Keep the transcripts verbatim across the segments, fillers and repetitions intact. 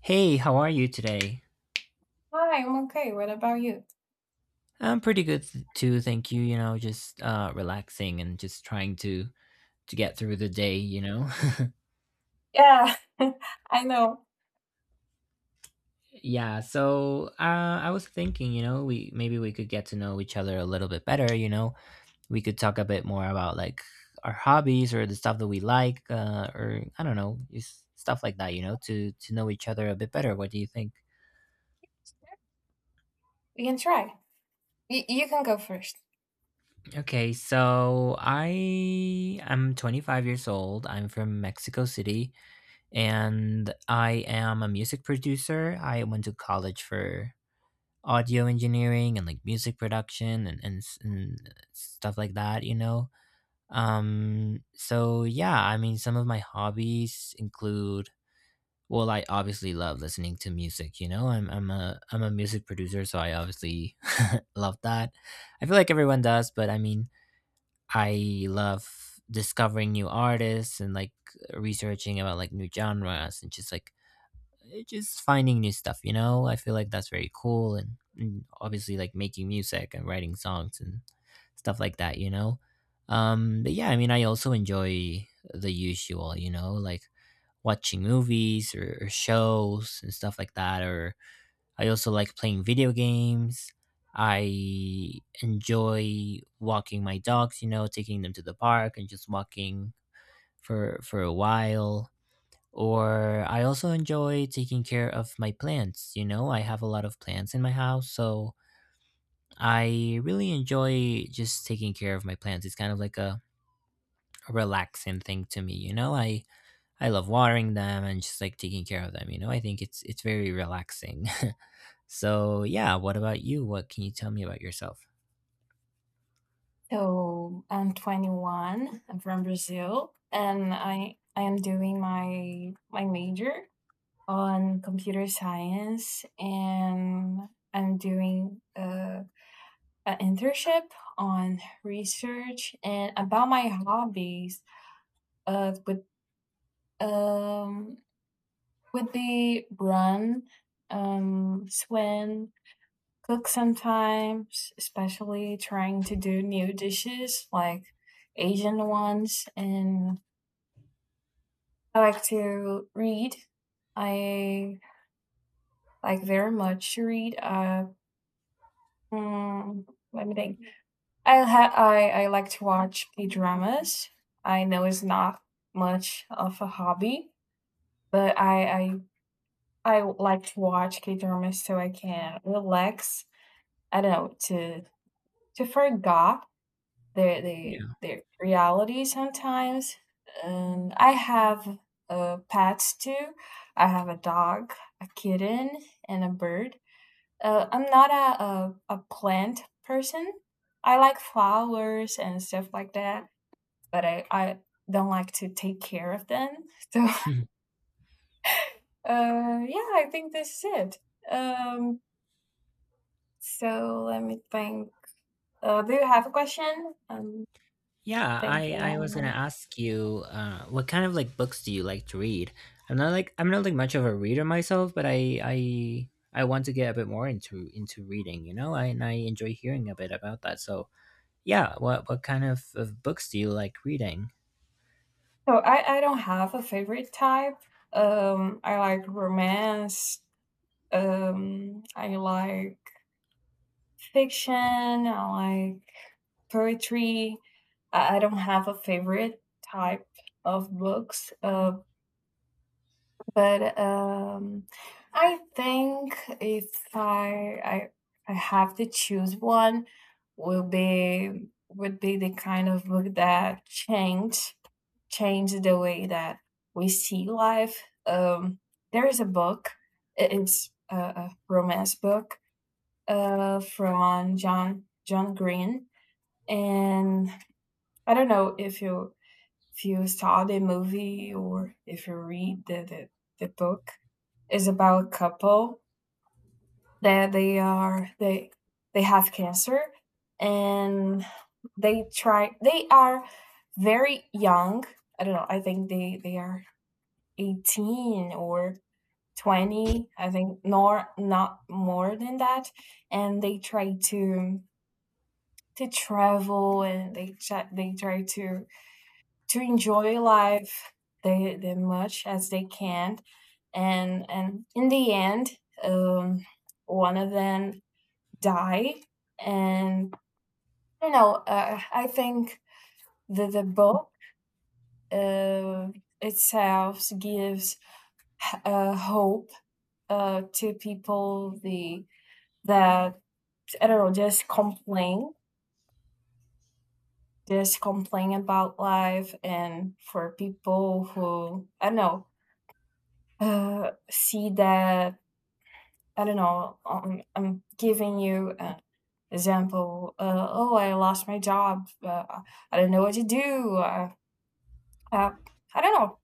Hey, how are you today? Hi, I'm okay. What about you? I'm pretty good th- too, thank you. You know, just uh relaxing and just trying to to get through the day, you know. Yeah, I know. Yeah, so uh I was thinking, you know, we maybe we could get to know each other a little bit better, you know. We could talk a bit more about like our hobbies or the stuff that we like uh or I don't know, just stuff like that, you know, to to know each other a bit better. What do you think? We can try. Y- you can go first. Okay, so I am twenty-five years old. I'm from Mexico City and I am a music producer. I went to college for audio engineering and like music production and, and, s- and stuff like that, you know? Um, so yeah, I mean, some of my hobbies include, well, I obviously love listening to music, you know? I'm, I'm a, I'm a music producer, so I obviously love that. I feel like everyone does, but I mean, I love discovering new artists and like researching about like new genres and just like uh, just finding new stuff, you know? I feel like that's very cool, and, and obviously like making music and writing songs and stuff like that, you know. Um but yeah, I mean, I also enjoy the usual, you know, like watching movies or, or shows and stuff like that, or I also like playing video games. I enjoy walking my dogs, you know, taking them to the park and just walking for for a while, or I also enjoy taking care of my plants. You know, I have a lot of plants in my house, so I really enjoy just taking care of my plants. It's kind of like a, a relaxing thing to me. You know, I I love watering them and just like taking care of them. You know, I think it's it's very relaxing. So yeah, what about you? What can you tell me about yourself? So I'm twenty-one. I'm from Brazil, and I I am doing my my major on computer science, and I'm doing uh, an internship on research. And about my hobbies. Uh, would um would be run, um, swim, cook sometimes, especially trying to do new dishes like Asian ones. And I like to read. I like very much to read. Uh, mm, let me think. I, ha- I I like to watch K dramas. I know it's not much of a hobby, but I I I like to watch K dramas so I can relax. I don't know, to to forget Their the Yeah. their reality sometimes. And I have, uh, pets too. I have a dog, a kitten, and a bird. Uh, I'm not a a a plant person. I like flowers and stuff like that, but I I don't like to take care of them. So, uh, yeah, I think this is it. Um, so let me think. Uh, do you have a question? I'm Yeah, I I was gonna thinking. ask you, uh, what kind of like books do you like to read? I'm not like I'm not like much of a reader myself, but I I I want to get a bit more into into reading, you know, I, and I enjoy hearing a bit about that. So yeah, what what kind of, of books do you like reading? So I I don't have a favorite type. Um, I like romance. Um, I like fiction. I like poetry. I I don't have a favorite type of books. Uh, but um, I think if I, I I have to choose one, will be would be the kind of book that changed changed the way that we see life. Um, there is a book. i- It's a, a romance book uh, from John John Green, and I don't know if you, if you saw the movie or if you read the the, the book. Is about a couple that they are they they have cancer, and they try they are very young. I don't know. I think they they are eighteen or twenty. I think nor not more than that. And they try to to travel, and they try, they try to to enjoy life they the much as they can. And and in the end, um one of them die. And I don't know, uh, I think the, the book, uh, itself gives uh, hope uh, to people, the, that I don't know, just complain, just complain about life. And for people who, I don't know, uh, see that, I don't know, um, I'm giving you an example. Uh, oh, I lost my job, uh, I don't know what to do, uh, uh, I don't know.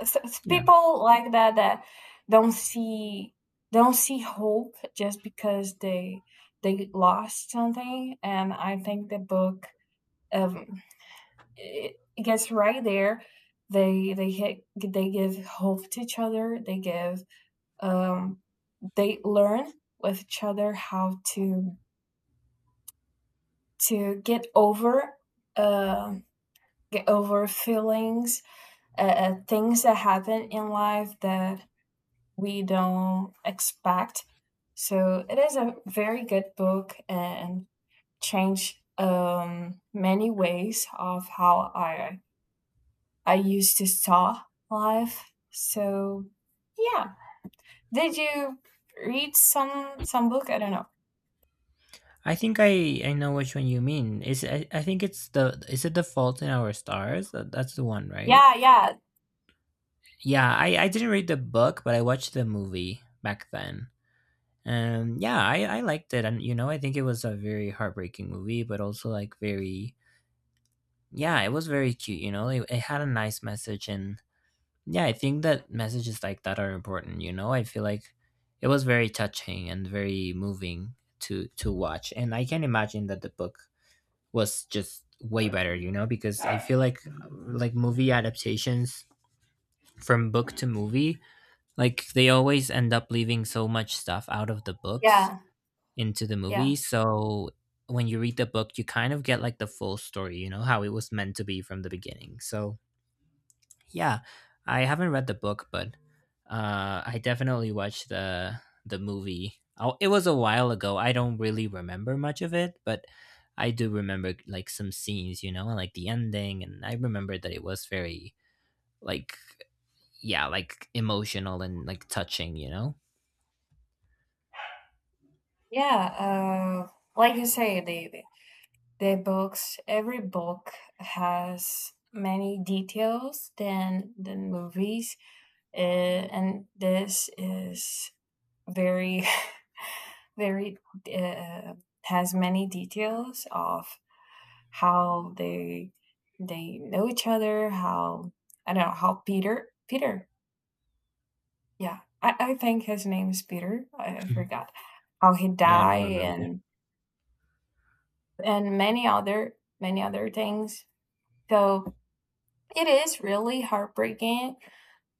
S- s- Yeah, People like that, that don't see don't see hope just because they they lost something. And I think the book, um, it, it gets right there. They they hit, they give hope to each other. They give, um, they learn with each other how to to get over, uh, get over feelings, uh, uh, things that happen in life that we don't expect. So it is a very good book, and changed, um, many ways of how I I used to saw life. So yeah, did you read some some book? I don't know. I think I I know which one you mean. Is I, I think it's the is it The Fault in Our Stars? That- That's the one, right? Yeah, yeah, Yeah, I I didn't read the book, but I watched the movie back then. And yeah, I I liked it, and you know, I think it was a very heartbreaking movie, but also like very yeah, it was very cute. You know, it, it had a nice message, and yeah, I think that messages like that are important. You know, I feel like it was very touching and very moving to to watch, and I can imagine that the book was just way better. You know, because I feel like like movie adaptations from book to movie, like they always end up leaving so much stuff out of the books yeah, into the yeah, movie. So when you read the book, you kind of get like the full story, you know, how it was meant to be from the beginning. So yeah, I haven't read the book, but uh, I definitely watched the the movie. Oh, it was a while ago. I don't really remember much of it, but I do remember like some scenes, you know, and like the ending, and I remember that it was very like yeah, like emotional and like touching, you know. yeah. Uh, like you say, the the the books. Every book has many details than than movies. Uh, and this is very, very, uh, has many details of how they they know each other, how, I don't know, how Peter, Peter, yeah, I, I think his name is Peter, I, I forgot, how he Yeah, I don't died, remember. and, and many other, many other things. So it is really heartbreaking.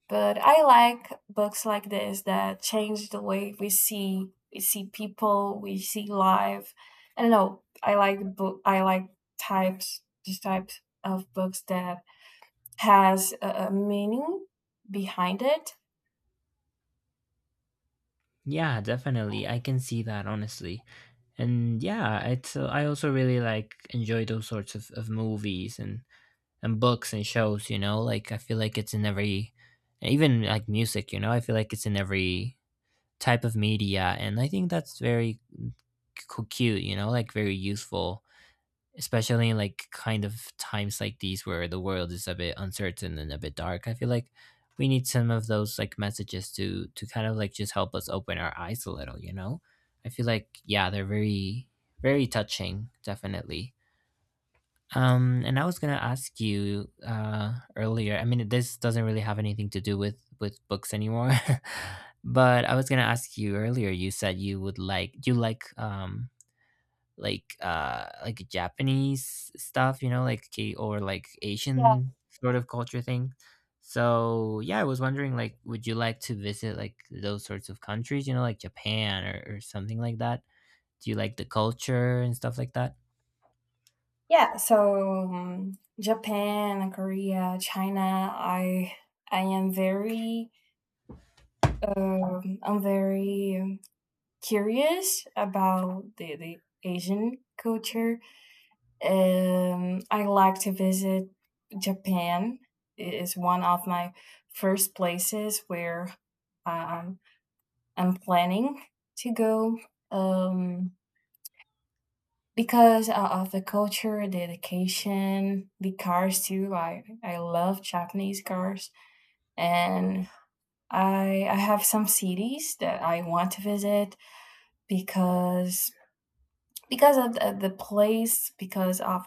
But I like books like this that change the way we see, we see people, we see life. I don't know. I like book. I like types, these types of books that has a, a meaning behind it. Yeah, definitely. I can see that honestly. And yeah, it's uh, I also really like enjoy those sorts of, of movies and and books and shows, you know? Like I feel like it's in every even like music, you know? I feel like it's in every type of media and I think that's very c- cute, you know? Like very useful, especially in like kind of times like these where the world is a bit uncertain and a bit dark. I feel like we need some of those like messages to to kind of like just help us open our eyes a little, you know. I feel like yeah, they're very very touching, definitely. Um and I was gonna ask you uh earlier, I mean, this doesn't really have anything to do with with books anymore, but I was gonna ask you earlier, you said you would like, do you like um like uh like Japanese stuff, you know, like K or like Yeah, Asian sort of culture thing. So yeah, I was wondering like would you like to visit like those sorts of countries, you know, like Japan or, or something like that? Do you like the culture and stuff like that? yeah. So um, Japan, Korea, China. I I am very, um, I'm very, um, curious about the the Asian culture. Um, I like to visit Japan. It is one of my first places where, um, I'm planning to go, um, because of the culture, dedication, the cars too. I, I love Japanese cars, and I I have some cities that I want to visit because because of the, the place, because of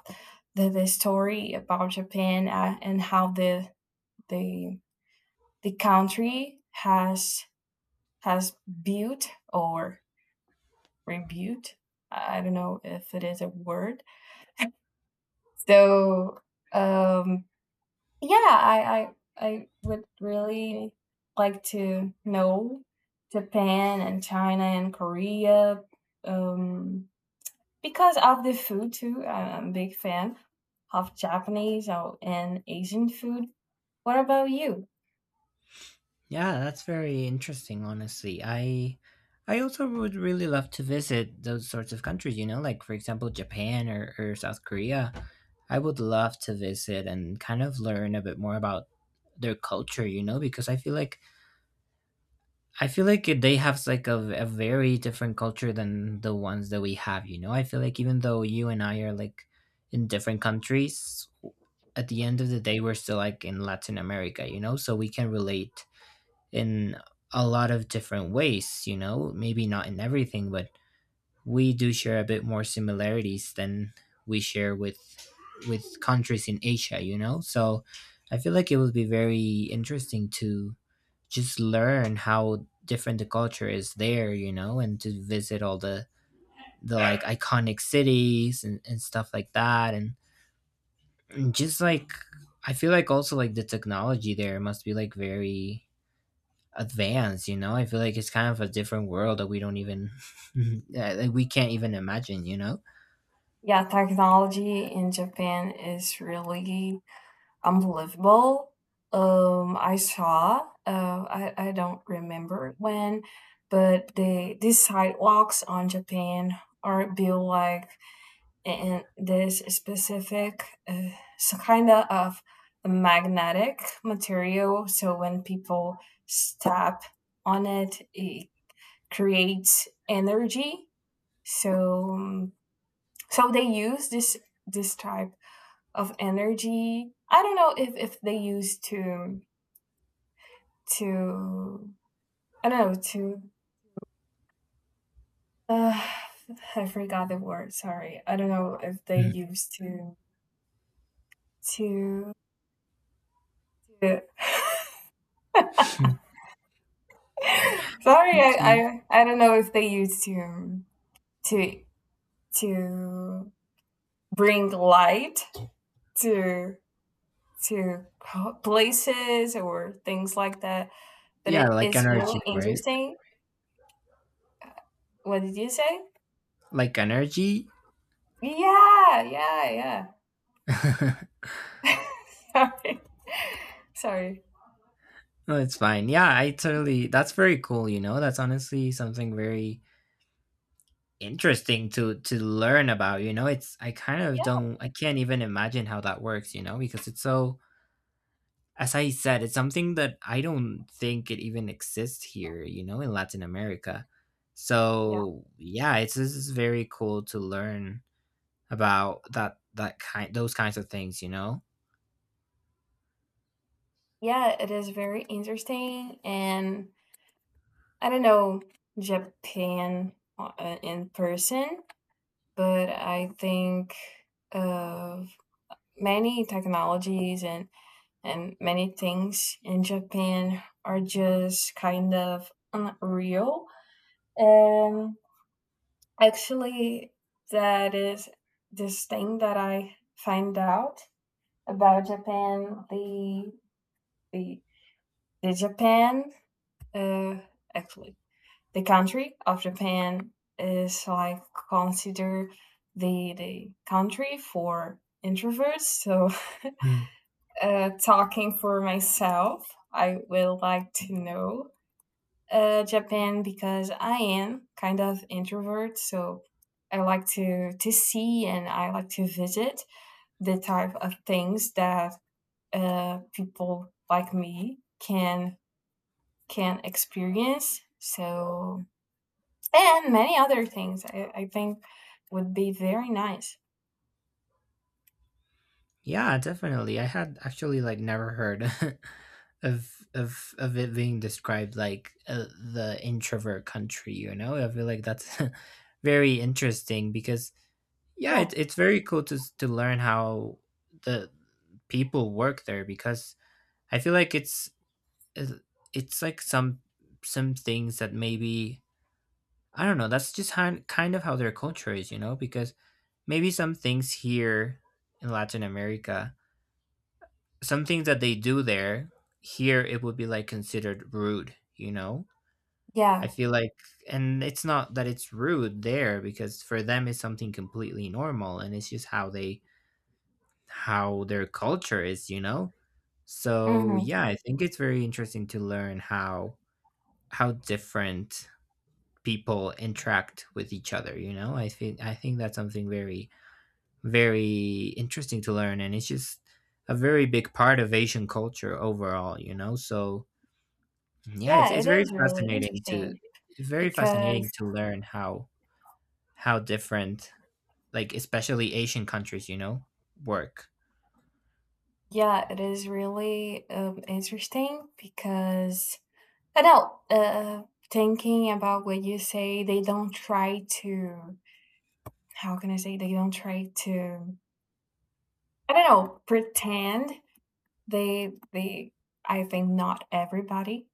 the, the story about Japan, uh, and how the the the country has has built or rebuilt. I don't know if it is a word. So um, yeah, I, I I would really like to know Japan and China and Korea. Um, because of the food too. I am a big fan of Japanese or and Asian food. What about you? Yeah, that's very interesting, honestly. I I also would really love to visit those sorts of countries, you know, like for example Japan or, or South Korea. I would love to visit and kind of learn a bit more about their culture, you know, because I feel like I feel like they have like a, a very different culture than the ones that we have, you know. I feel like even though you and I are like in different countries, at the end of the day we're still like in Latin America, you know, so we can relate in a lot of different ways, you know, maybe not in everything, but we do share a bit more similarities than we share with with countries in Asia, you know? So I feel like it would be very interesting to just learn how different the culture is there, you know, and to visit all the the like iconic cities and, and stuff like that, and, and just like I feel like also like the technology there must be like very advanced, you know. I feel like it's kind of a different world that we don't even yeah, like we can't even imagine, you know. Yeah, technology in Japan is really unbelievable. Um, I saw, uh, I, I don't remember when, but the these sidewalks on Japan are built like, and this specific, uh, so kind of a magnetic material, so when people step on it, it creates energy. So um, so they use this this type of energy. I don't know if if they use to to I don't know, to, uh, I forgot the word, sorry. I don't know if they use to to, to sorry. I, I I don't know if they used to to to bring light to to places or things like that, but Yeah, it like is energy, really right? interesting. What did you say? Like energy. Yeah, yeah, No, yeah. Sorry. Sorry. it's fine. Yeah, I totally, that's very cool, you know. That's honestly something very interesting to to learn about, you know. It's I kind of Yeah, don't, I can't even imagine how that works, you know, because it's so as I said, it's something that I don't think it even exists here, you know, in Latin America. yeah. So yeah, it's this is very cool to learn about that that kind those kinds of things, you know. Yeah, it is very interesting. And I don't know Japan, uh, in person, but I think of many technologies, and and many things in Japan are just kind of unreal. And actually, that is this thing that I find out about Japan. The the the Japan. Uh, Actually, the country of Japan is like considered the the country for introverts. So, Mm. uh, talking for myself, I will like to know, uh, Japan, because I am kind of introvert. So, I like to to see, and I like to visit the type of things that, uh, people like me can can experience. So. And many other things I I think would be very nice. Yeah, definitely. I had actually like never heard of of of it being described like uh, the introvert country, you know. I feel like that's very interesting because yeah, Yeah, it's it's very cool to s- to learn how the people work there because I feel like it's it- it's like some some things that maybe I don't know. That's just how, kind of how their culture is, you know. Because maybe some things here in Latin America, some things that they do there, here it would be like considered rude, you know. I yeah, feel like, and it's not that it's rude there because for them it's something completely normal, and it's just how they how their culture is, you know? So mhm. yeah, I think it's very interesting to learn how how different people interact with each other, you know? I think I think that's something very very interesting to learn and it's just a very big part of Asian culture overall, you know? So yeah, Yeah, it's it's it very is really fascinating to interesting very fascinating because, to learn how how different like especially Asian countries, you know, work. yeah, it is really, um, interesting, because I know, uh, thinking about what you say, they don't try to, how can I say? They don't try to, I don't know, pretend. They they I think not everybody,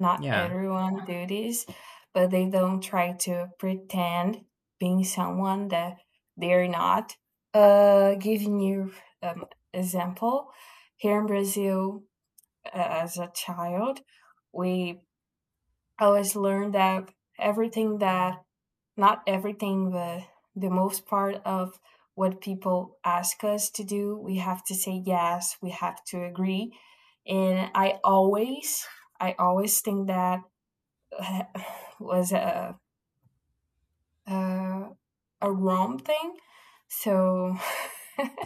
not Yeah. everyone do this, but they don't try to pretend being someone that they're not. Uh, giving you, um, example, here in Brazil, uh, as a child, we always learn that everything that, not everything, but the most part of what people ask us to do, we have to say yes. We have to agree. And I always, I always think that was a a, a wrong thing. So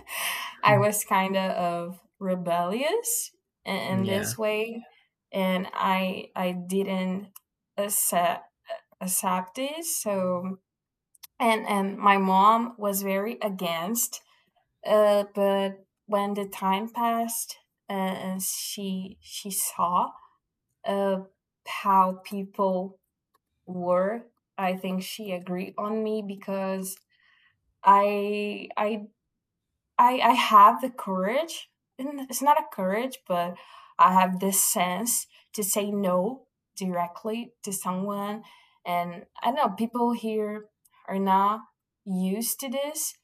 I Mm. was kind of rebellious in, in Yeah. this way, and I I didn't accept accept it. So and and my mom was very against. Uh, but when the time passed, uh, and she she saw, uh, how people were. I think she agreed on me because I I I, I have the courage. It's not a courage, but I have this sense to say no directly to someone. And I know people here are not used to this.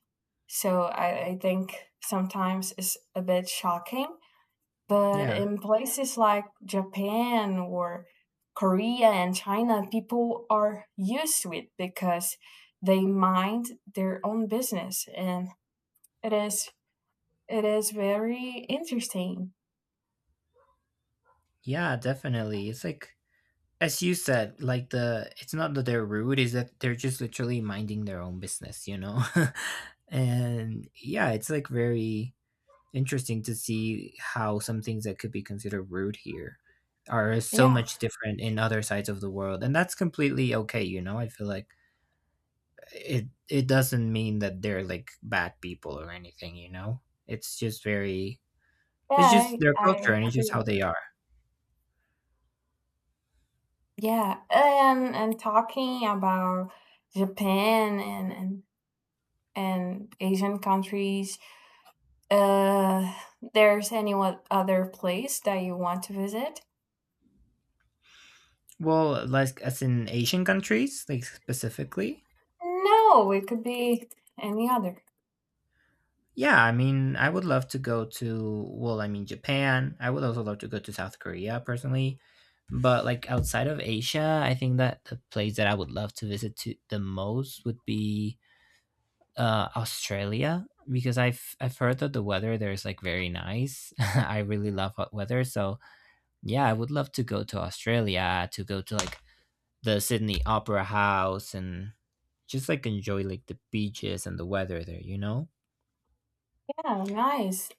So I, I think sometimes it's a bit shocking. But Yeah. in places like Japan or Korea and China, people are used to it because they mind their own business, and it is it is very interesting. Yeah, definitely. It's like as you said, like the it's not that they're rude, is that they're just literally minding their own business, you know? And yeah, it's like very interesting to see how some things that could be considered rude here are so Yeah, much different in other sides of the world. And that's completely okay, you know? I feel like it it doesn't mean that they're like bad people or anything, you know? It's just very it's yeah, just their I, culture I and it's just agree. how they are. Yeah, and and talking about Japan and and, and Asian countries, uh, there's any o- other place that you want to visit? Well, like as in Asian countries, like specifically? No, it could be any other. Yeah, I mean, I would love to go to, well, I mean, Japan. I would also love to go to South Korea personally. But like outside of Asia, I think that the place that I would love to visit to the most would be uh, Australia because I've I've heard that the weather there is like very nice. I really love hot weather, so yeah, I would love to go to Australia to go to like the Sydney Opera House and just like enjoy like the beaches and the weather there, you know? Yeah, nice.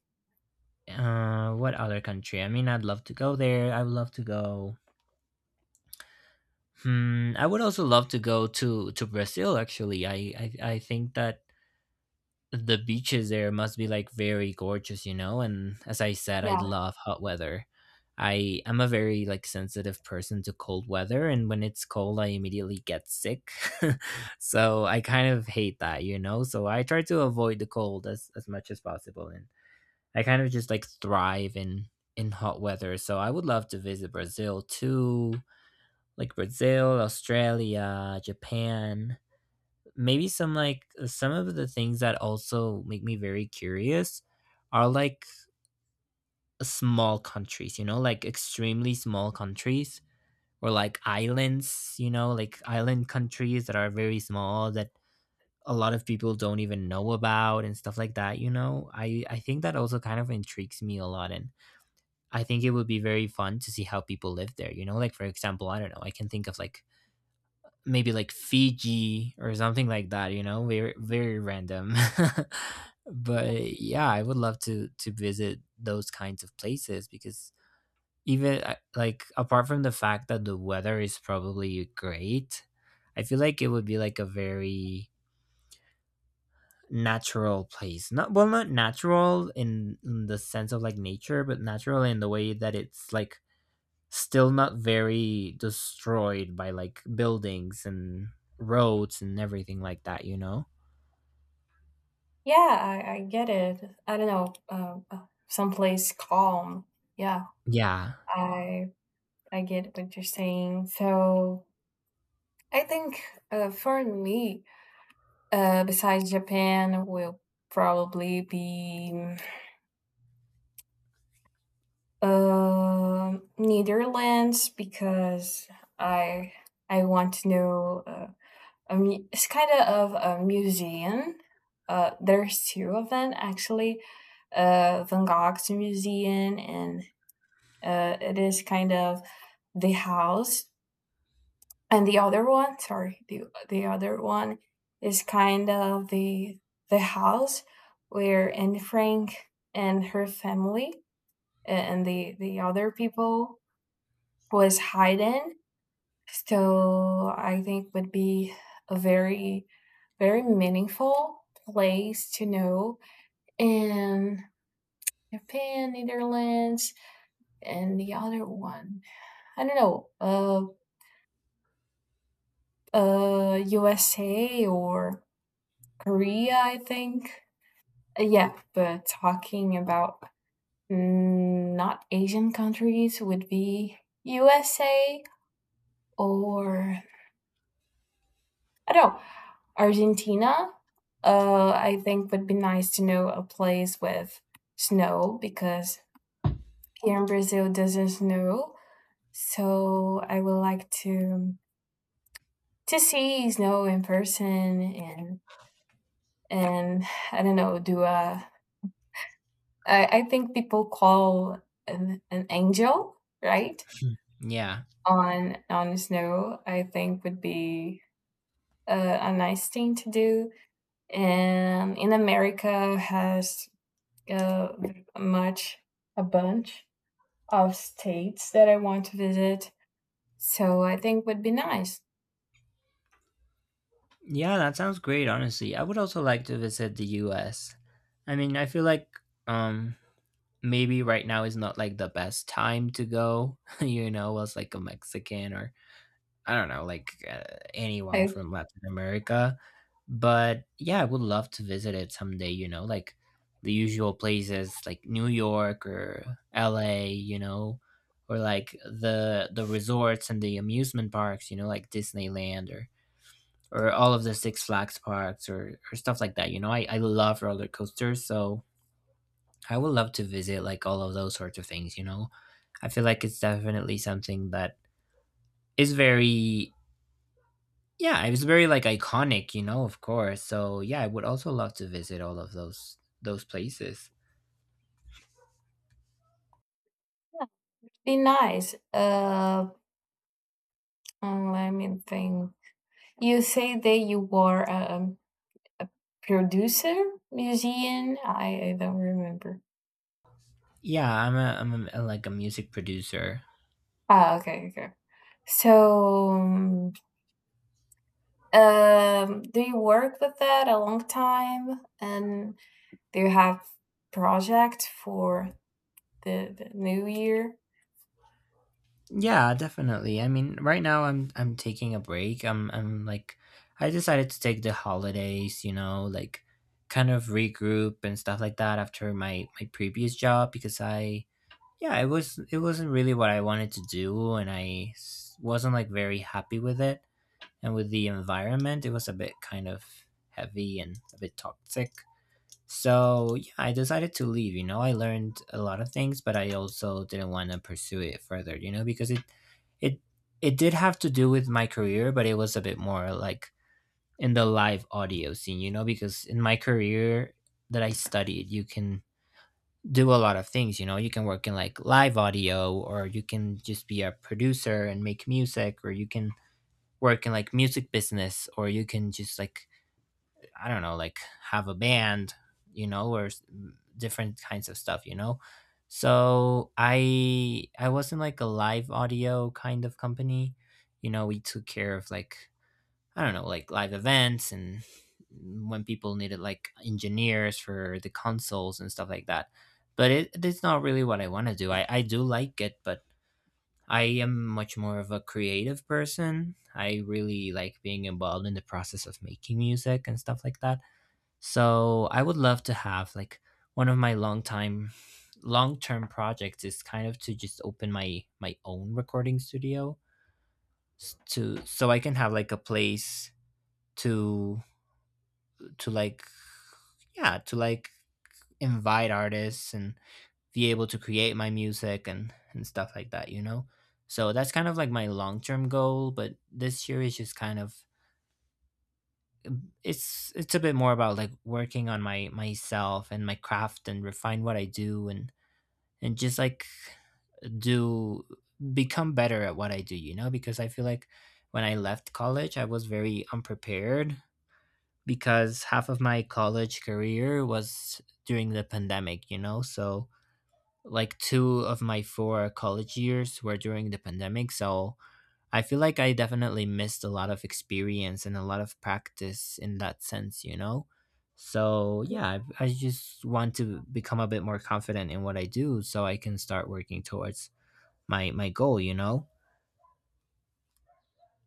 Uh, what other country? I mean, I'd love to go there. I would love to go. Hmm, I would also love to go to to Brazil actually. I I, I think that the beaches there must be like very gorgeous, you know? And as I said, I Yeah, love hot weather. I am a very like sensitive person to cold weather and when it's cold I immediately get sick. So I kind of hate that, you know? So I try to avoid the cold as as much as possible and I kind of just like thrive in in hot weather. So I would love to visit Brazil too, like Brazil, Australia, Japan, maybe some like uh, some of the things that also make me very curious are like small countries, you know, like extremely small countries or like islands, you know, like island countries that are very small that a lot of people don't even know about and stuff like that, you know. I I think that also kind of intrigues me a lot, and I think it would be very fun to see how people live there, you know, like for example, I don't know, I can think of like maybe like Fiji or something like that, you know, very very random. But yeah, I would love to to visit those kinds of places because even uh, like apart from the fact that the weather is probably great, I feel like it would be like a very natural place. Not well, not natural in, in the sense of like nature, but natural in the way that it's like still not very destroyed by like buildings and roads and everything like that, you know? yeah, I, I get it. I don't know, uh, uh, someplace calm. Yeah, Yeah. I I get what you're saying. So I think, uh, for me, uh, besides Japan, will probably be, um Netherlands, because I I want to know, uh, a mu- it's kind of a museum. Uh, there's two of them actually. Uh, Van Gogh's museum, and, uh, it is kind of the house, and the other one, sorry, the the other one is kind of the the house where Anne Frank and her family and the the other people was hiding. So I think would be a very very meaningful place to know. In Japan, Netherlands, and the other one, I don't know, uh, uh, U S A or Korea, I think. Uh, yeah, but talking about, mm, not Asian countries, would be U S A or, I don't know, Argentina. Uh, I think would be nice to know a place with snow, because here in Brazil doesn't snow. So I would like to to see snow in person. and and I don't know, do a, I, I think people call an, an angel, right? Yeah. On on snow, I think would be a, a nice thing to do. And in America has, uh, much, a bunch of states that I want to visit. So I think would be nice. Yeah, that sounds great, honestly. I would also like to visit the U S. I mean, I feel like um maybe right now is not like the best time to go, you know, as like a Mexican or I don't know, like, uh, anyone I from Latin America. But yeah, I would love to visit it someday, you know, like the usual places like New York or L A, you know, or like the the resorts and the amusement parks, you know, like Disneyland or or all of the Six Flags parks or or stuff like that, you know. I I love roller coasters, so I would love to visit like all of those sorts of things, you know. I feel like it's definitely something that is very. Yeah, it was very like iconic, you know, of course. So yeah, I would also love to visit all of those those places. Be nice. Uh, mm, let me think. You say that you were, um, a producer, musician. I, I don't remember. Yeah, I'm a I'm a, like a music producer. Ah, okay, okay. So, um, um, do you work with that a long time? And do you have project for the, the new year? Yeah, definitely. I mean, right now I'm I'm taking a break. I'm I'm like I decided to take the holidays, you know, like kind of regroup and stuff like that after my my previous job because I, yeah, it was, it wasn't really what I wanted to do and i s- wasn't like very happy with it, and with the environment it was a bit kind of heavy and a bit toxic. So yeah, I decided to leave, you know. I learned a lot of things but I also didn't want to pursue it further, you know, because it it it did have to do with my career, but it was a bit more like in the live audio scene, you know, because in my career that I studied you can do a lot of things, you know. You can work in like live audio, or you can just be a producer and make music, or you can work in like music business, or you can just like, I don't know, like have a band, you know, or s- different kinds of stuff, you know. So i i was in like a live audio kind of company, you know. We took care of like, I don't know, like live events and when people needed like engineers for the consoles and stuff like that. But it, it's not really what I want to do. I, I do like it, but I am much more of a creative person. I really like being involved in the process of making music and stuff like that. So I would love to have like one of my long time long term projects is kind of to just open my my own recording studio s- to, so I can have like a place to to like, yeah, to like invite artists and be able to create my music and and stuff like that, you know. So that's kind of like my long-term goal, but this year is just kind of, it's it's a bit more about like working on my myself and my craft and refine what I do, and and just like do become better at what I do, you know, because I feel like when I left college I was very unprepared because half of my college career was during the pandemic, you know? So, like, two of my four college years were during the pandemic. So, I feel like I definitely missed a lot of experience and a lot of practice in that sense, you know? So, Ye- yeah, I, I just want to become a bit more confident in what I do so I can start working towards my my goal, you know?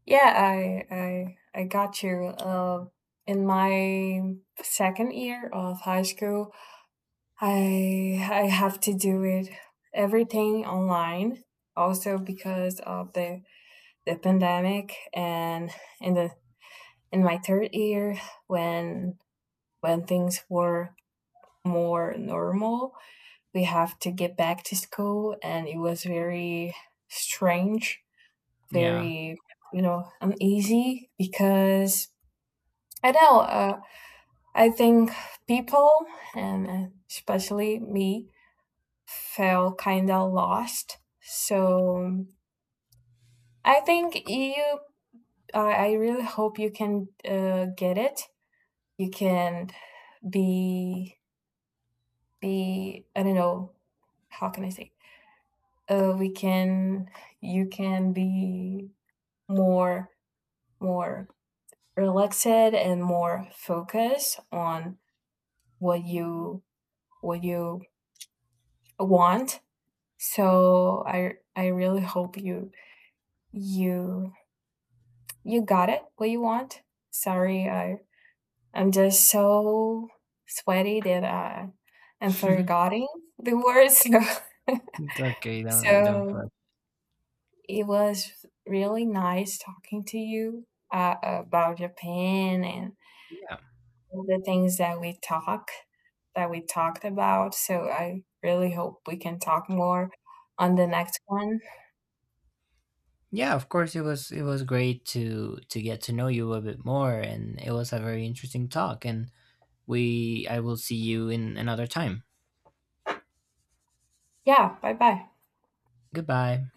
Yeah, I I I got you. Uh, in my second year of high school, I I have to do it everything online, also because of the the pandemic. And in the, in my third year, when when things were more normal, we have to get back to school, and it was very strange, Yeah. very, you know, uneasy, because I know, uh, I think people, and especially me, felt kind of lost. So I think you, I I really hope you can, uh, get it. You can be, be, I don't know, how can I say? Uh, we can, you can be more, more relaxed and more focused on what you, what you want. So I, I really hope you, you, you got it, what you want? Sorry, I, I'm just so sweaty that, uh, I'm forgetting the words. It's okay. So, Don't, don't fret. so it was really nice talking to you, uh, about Japan and Yeah. all the things that we talk, that we talked about, so I really hope we can talk more on the next one. Yeah, of course, it was it was great to to get to know you a bit more, and it was a very interesting talk, and we I will see you in another time. Yeah, bye-bye. Goodbye.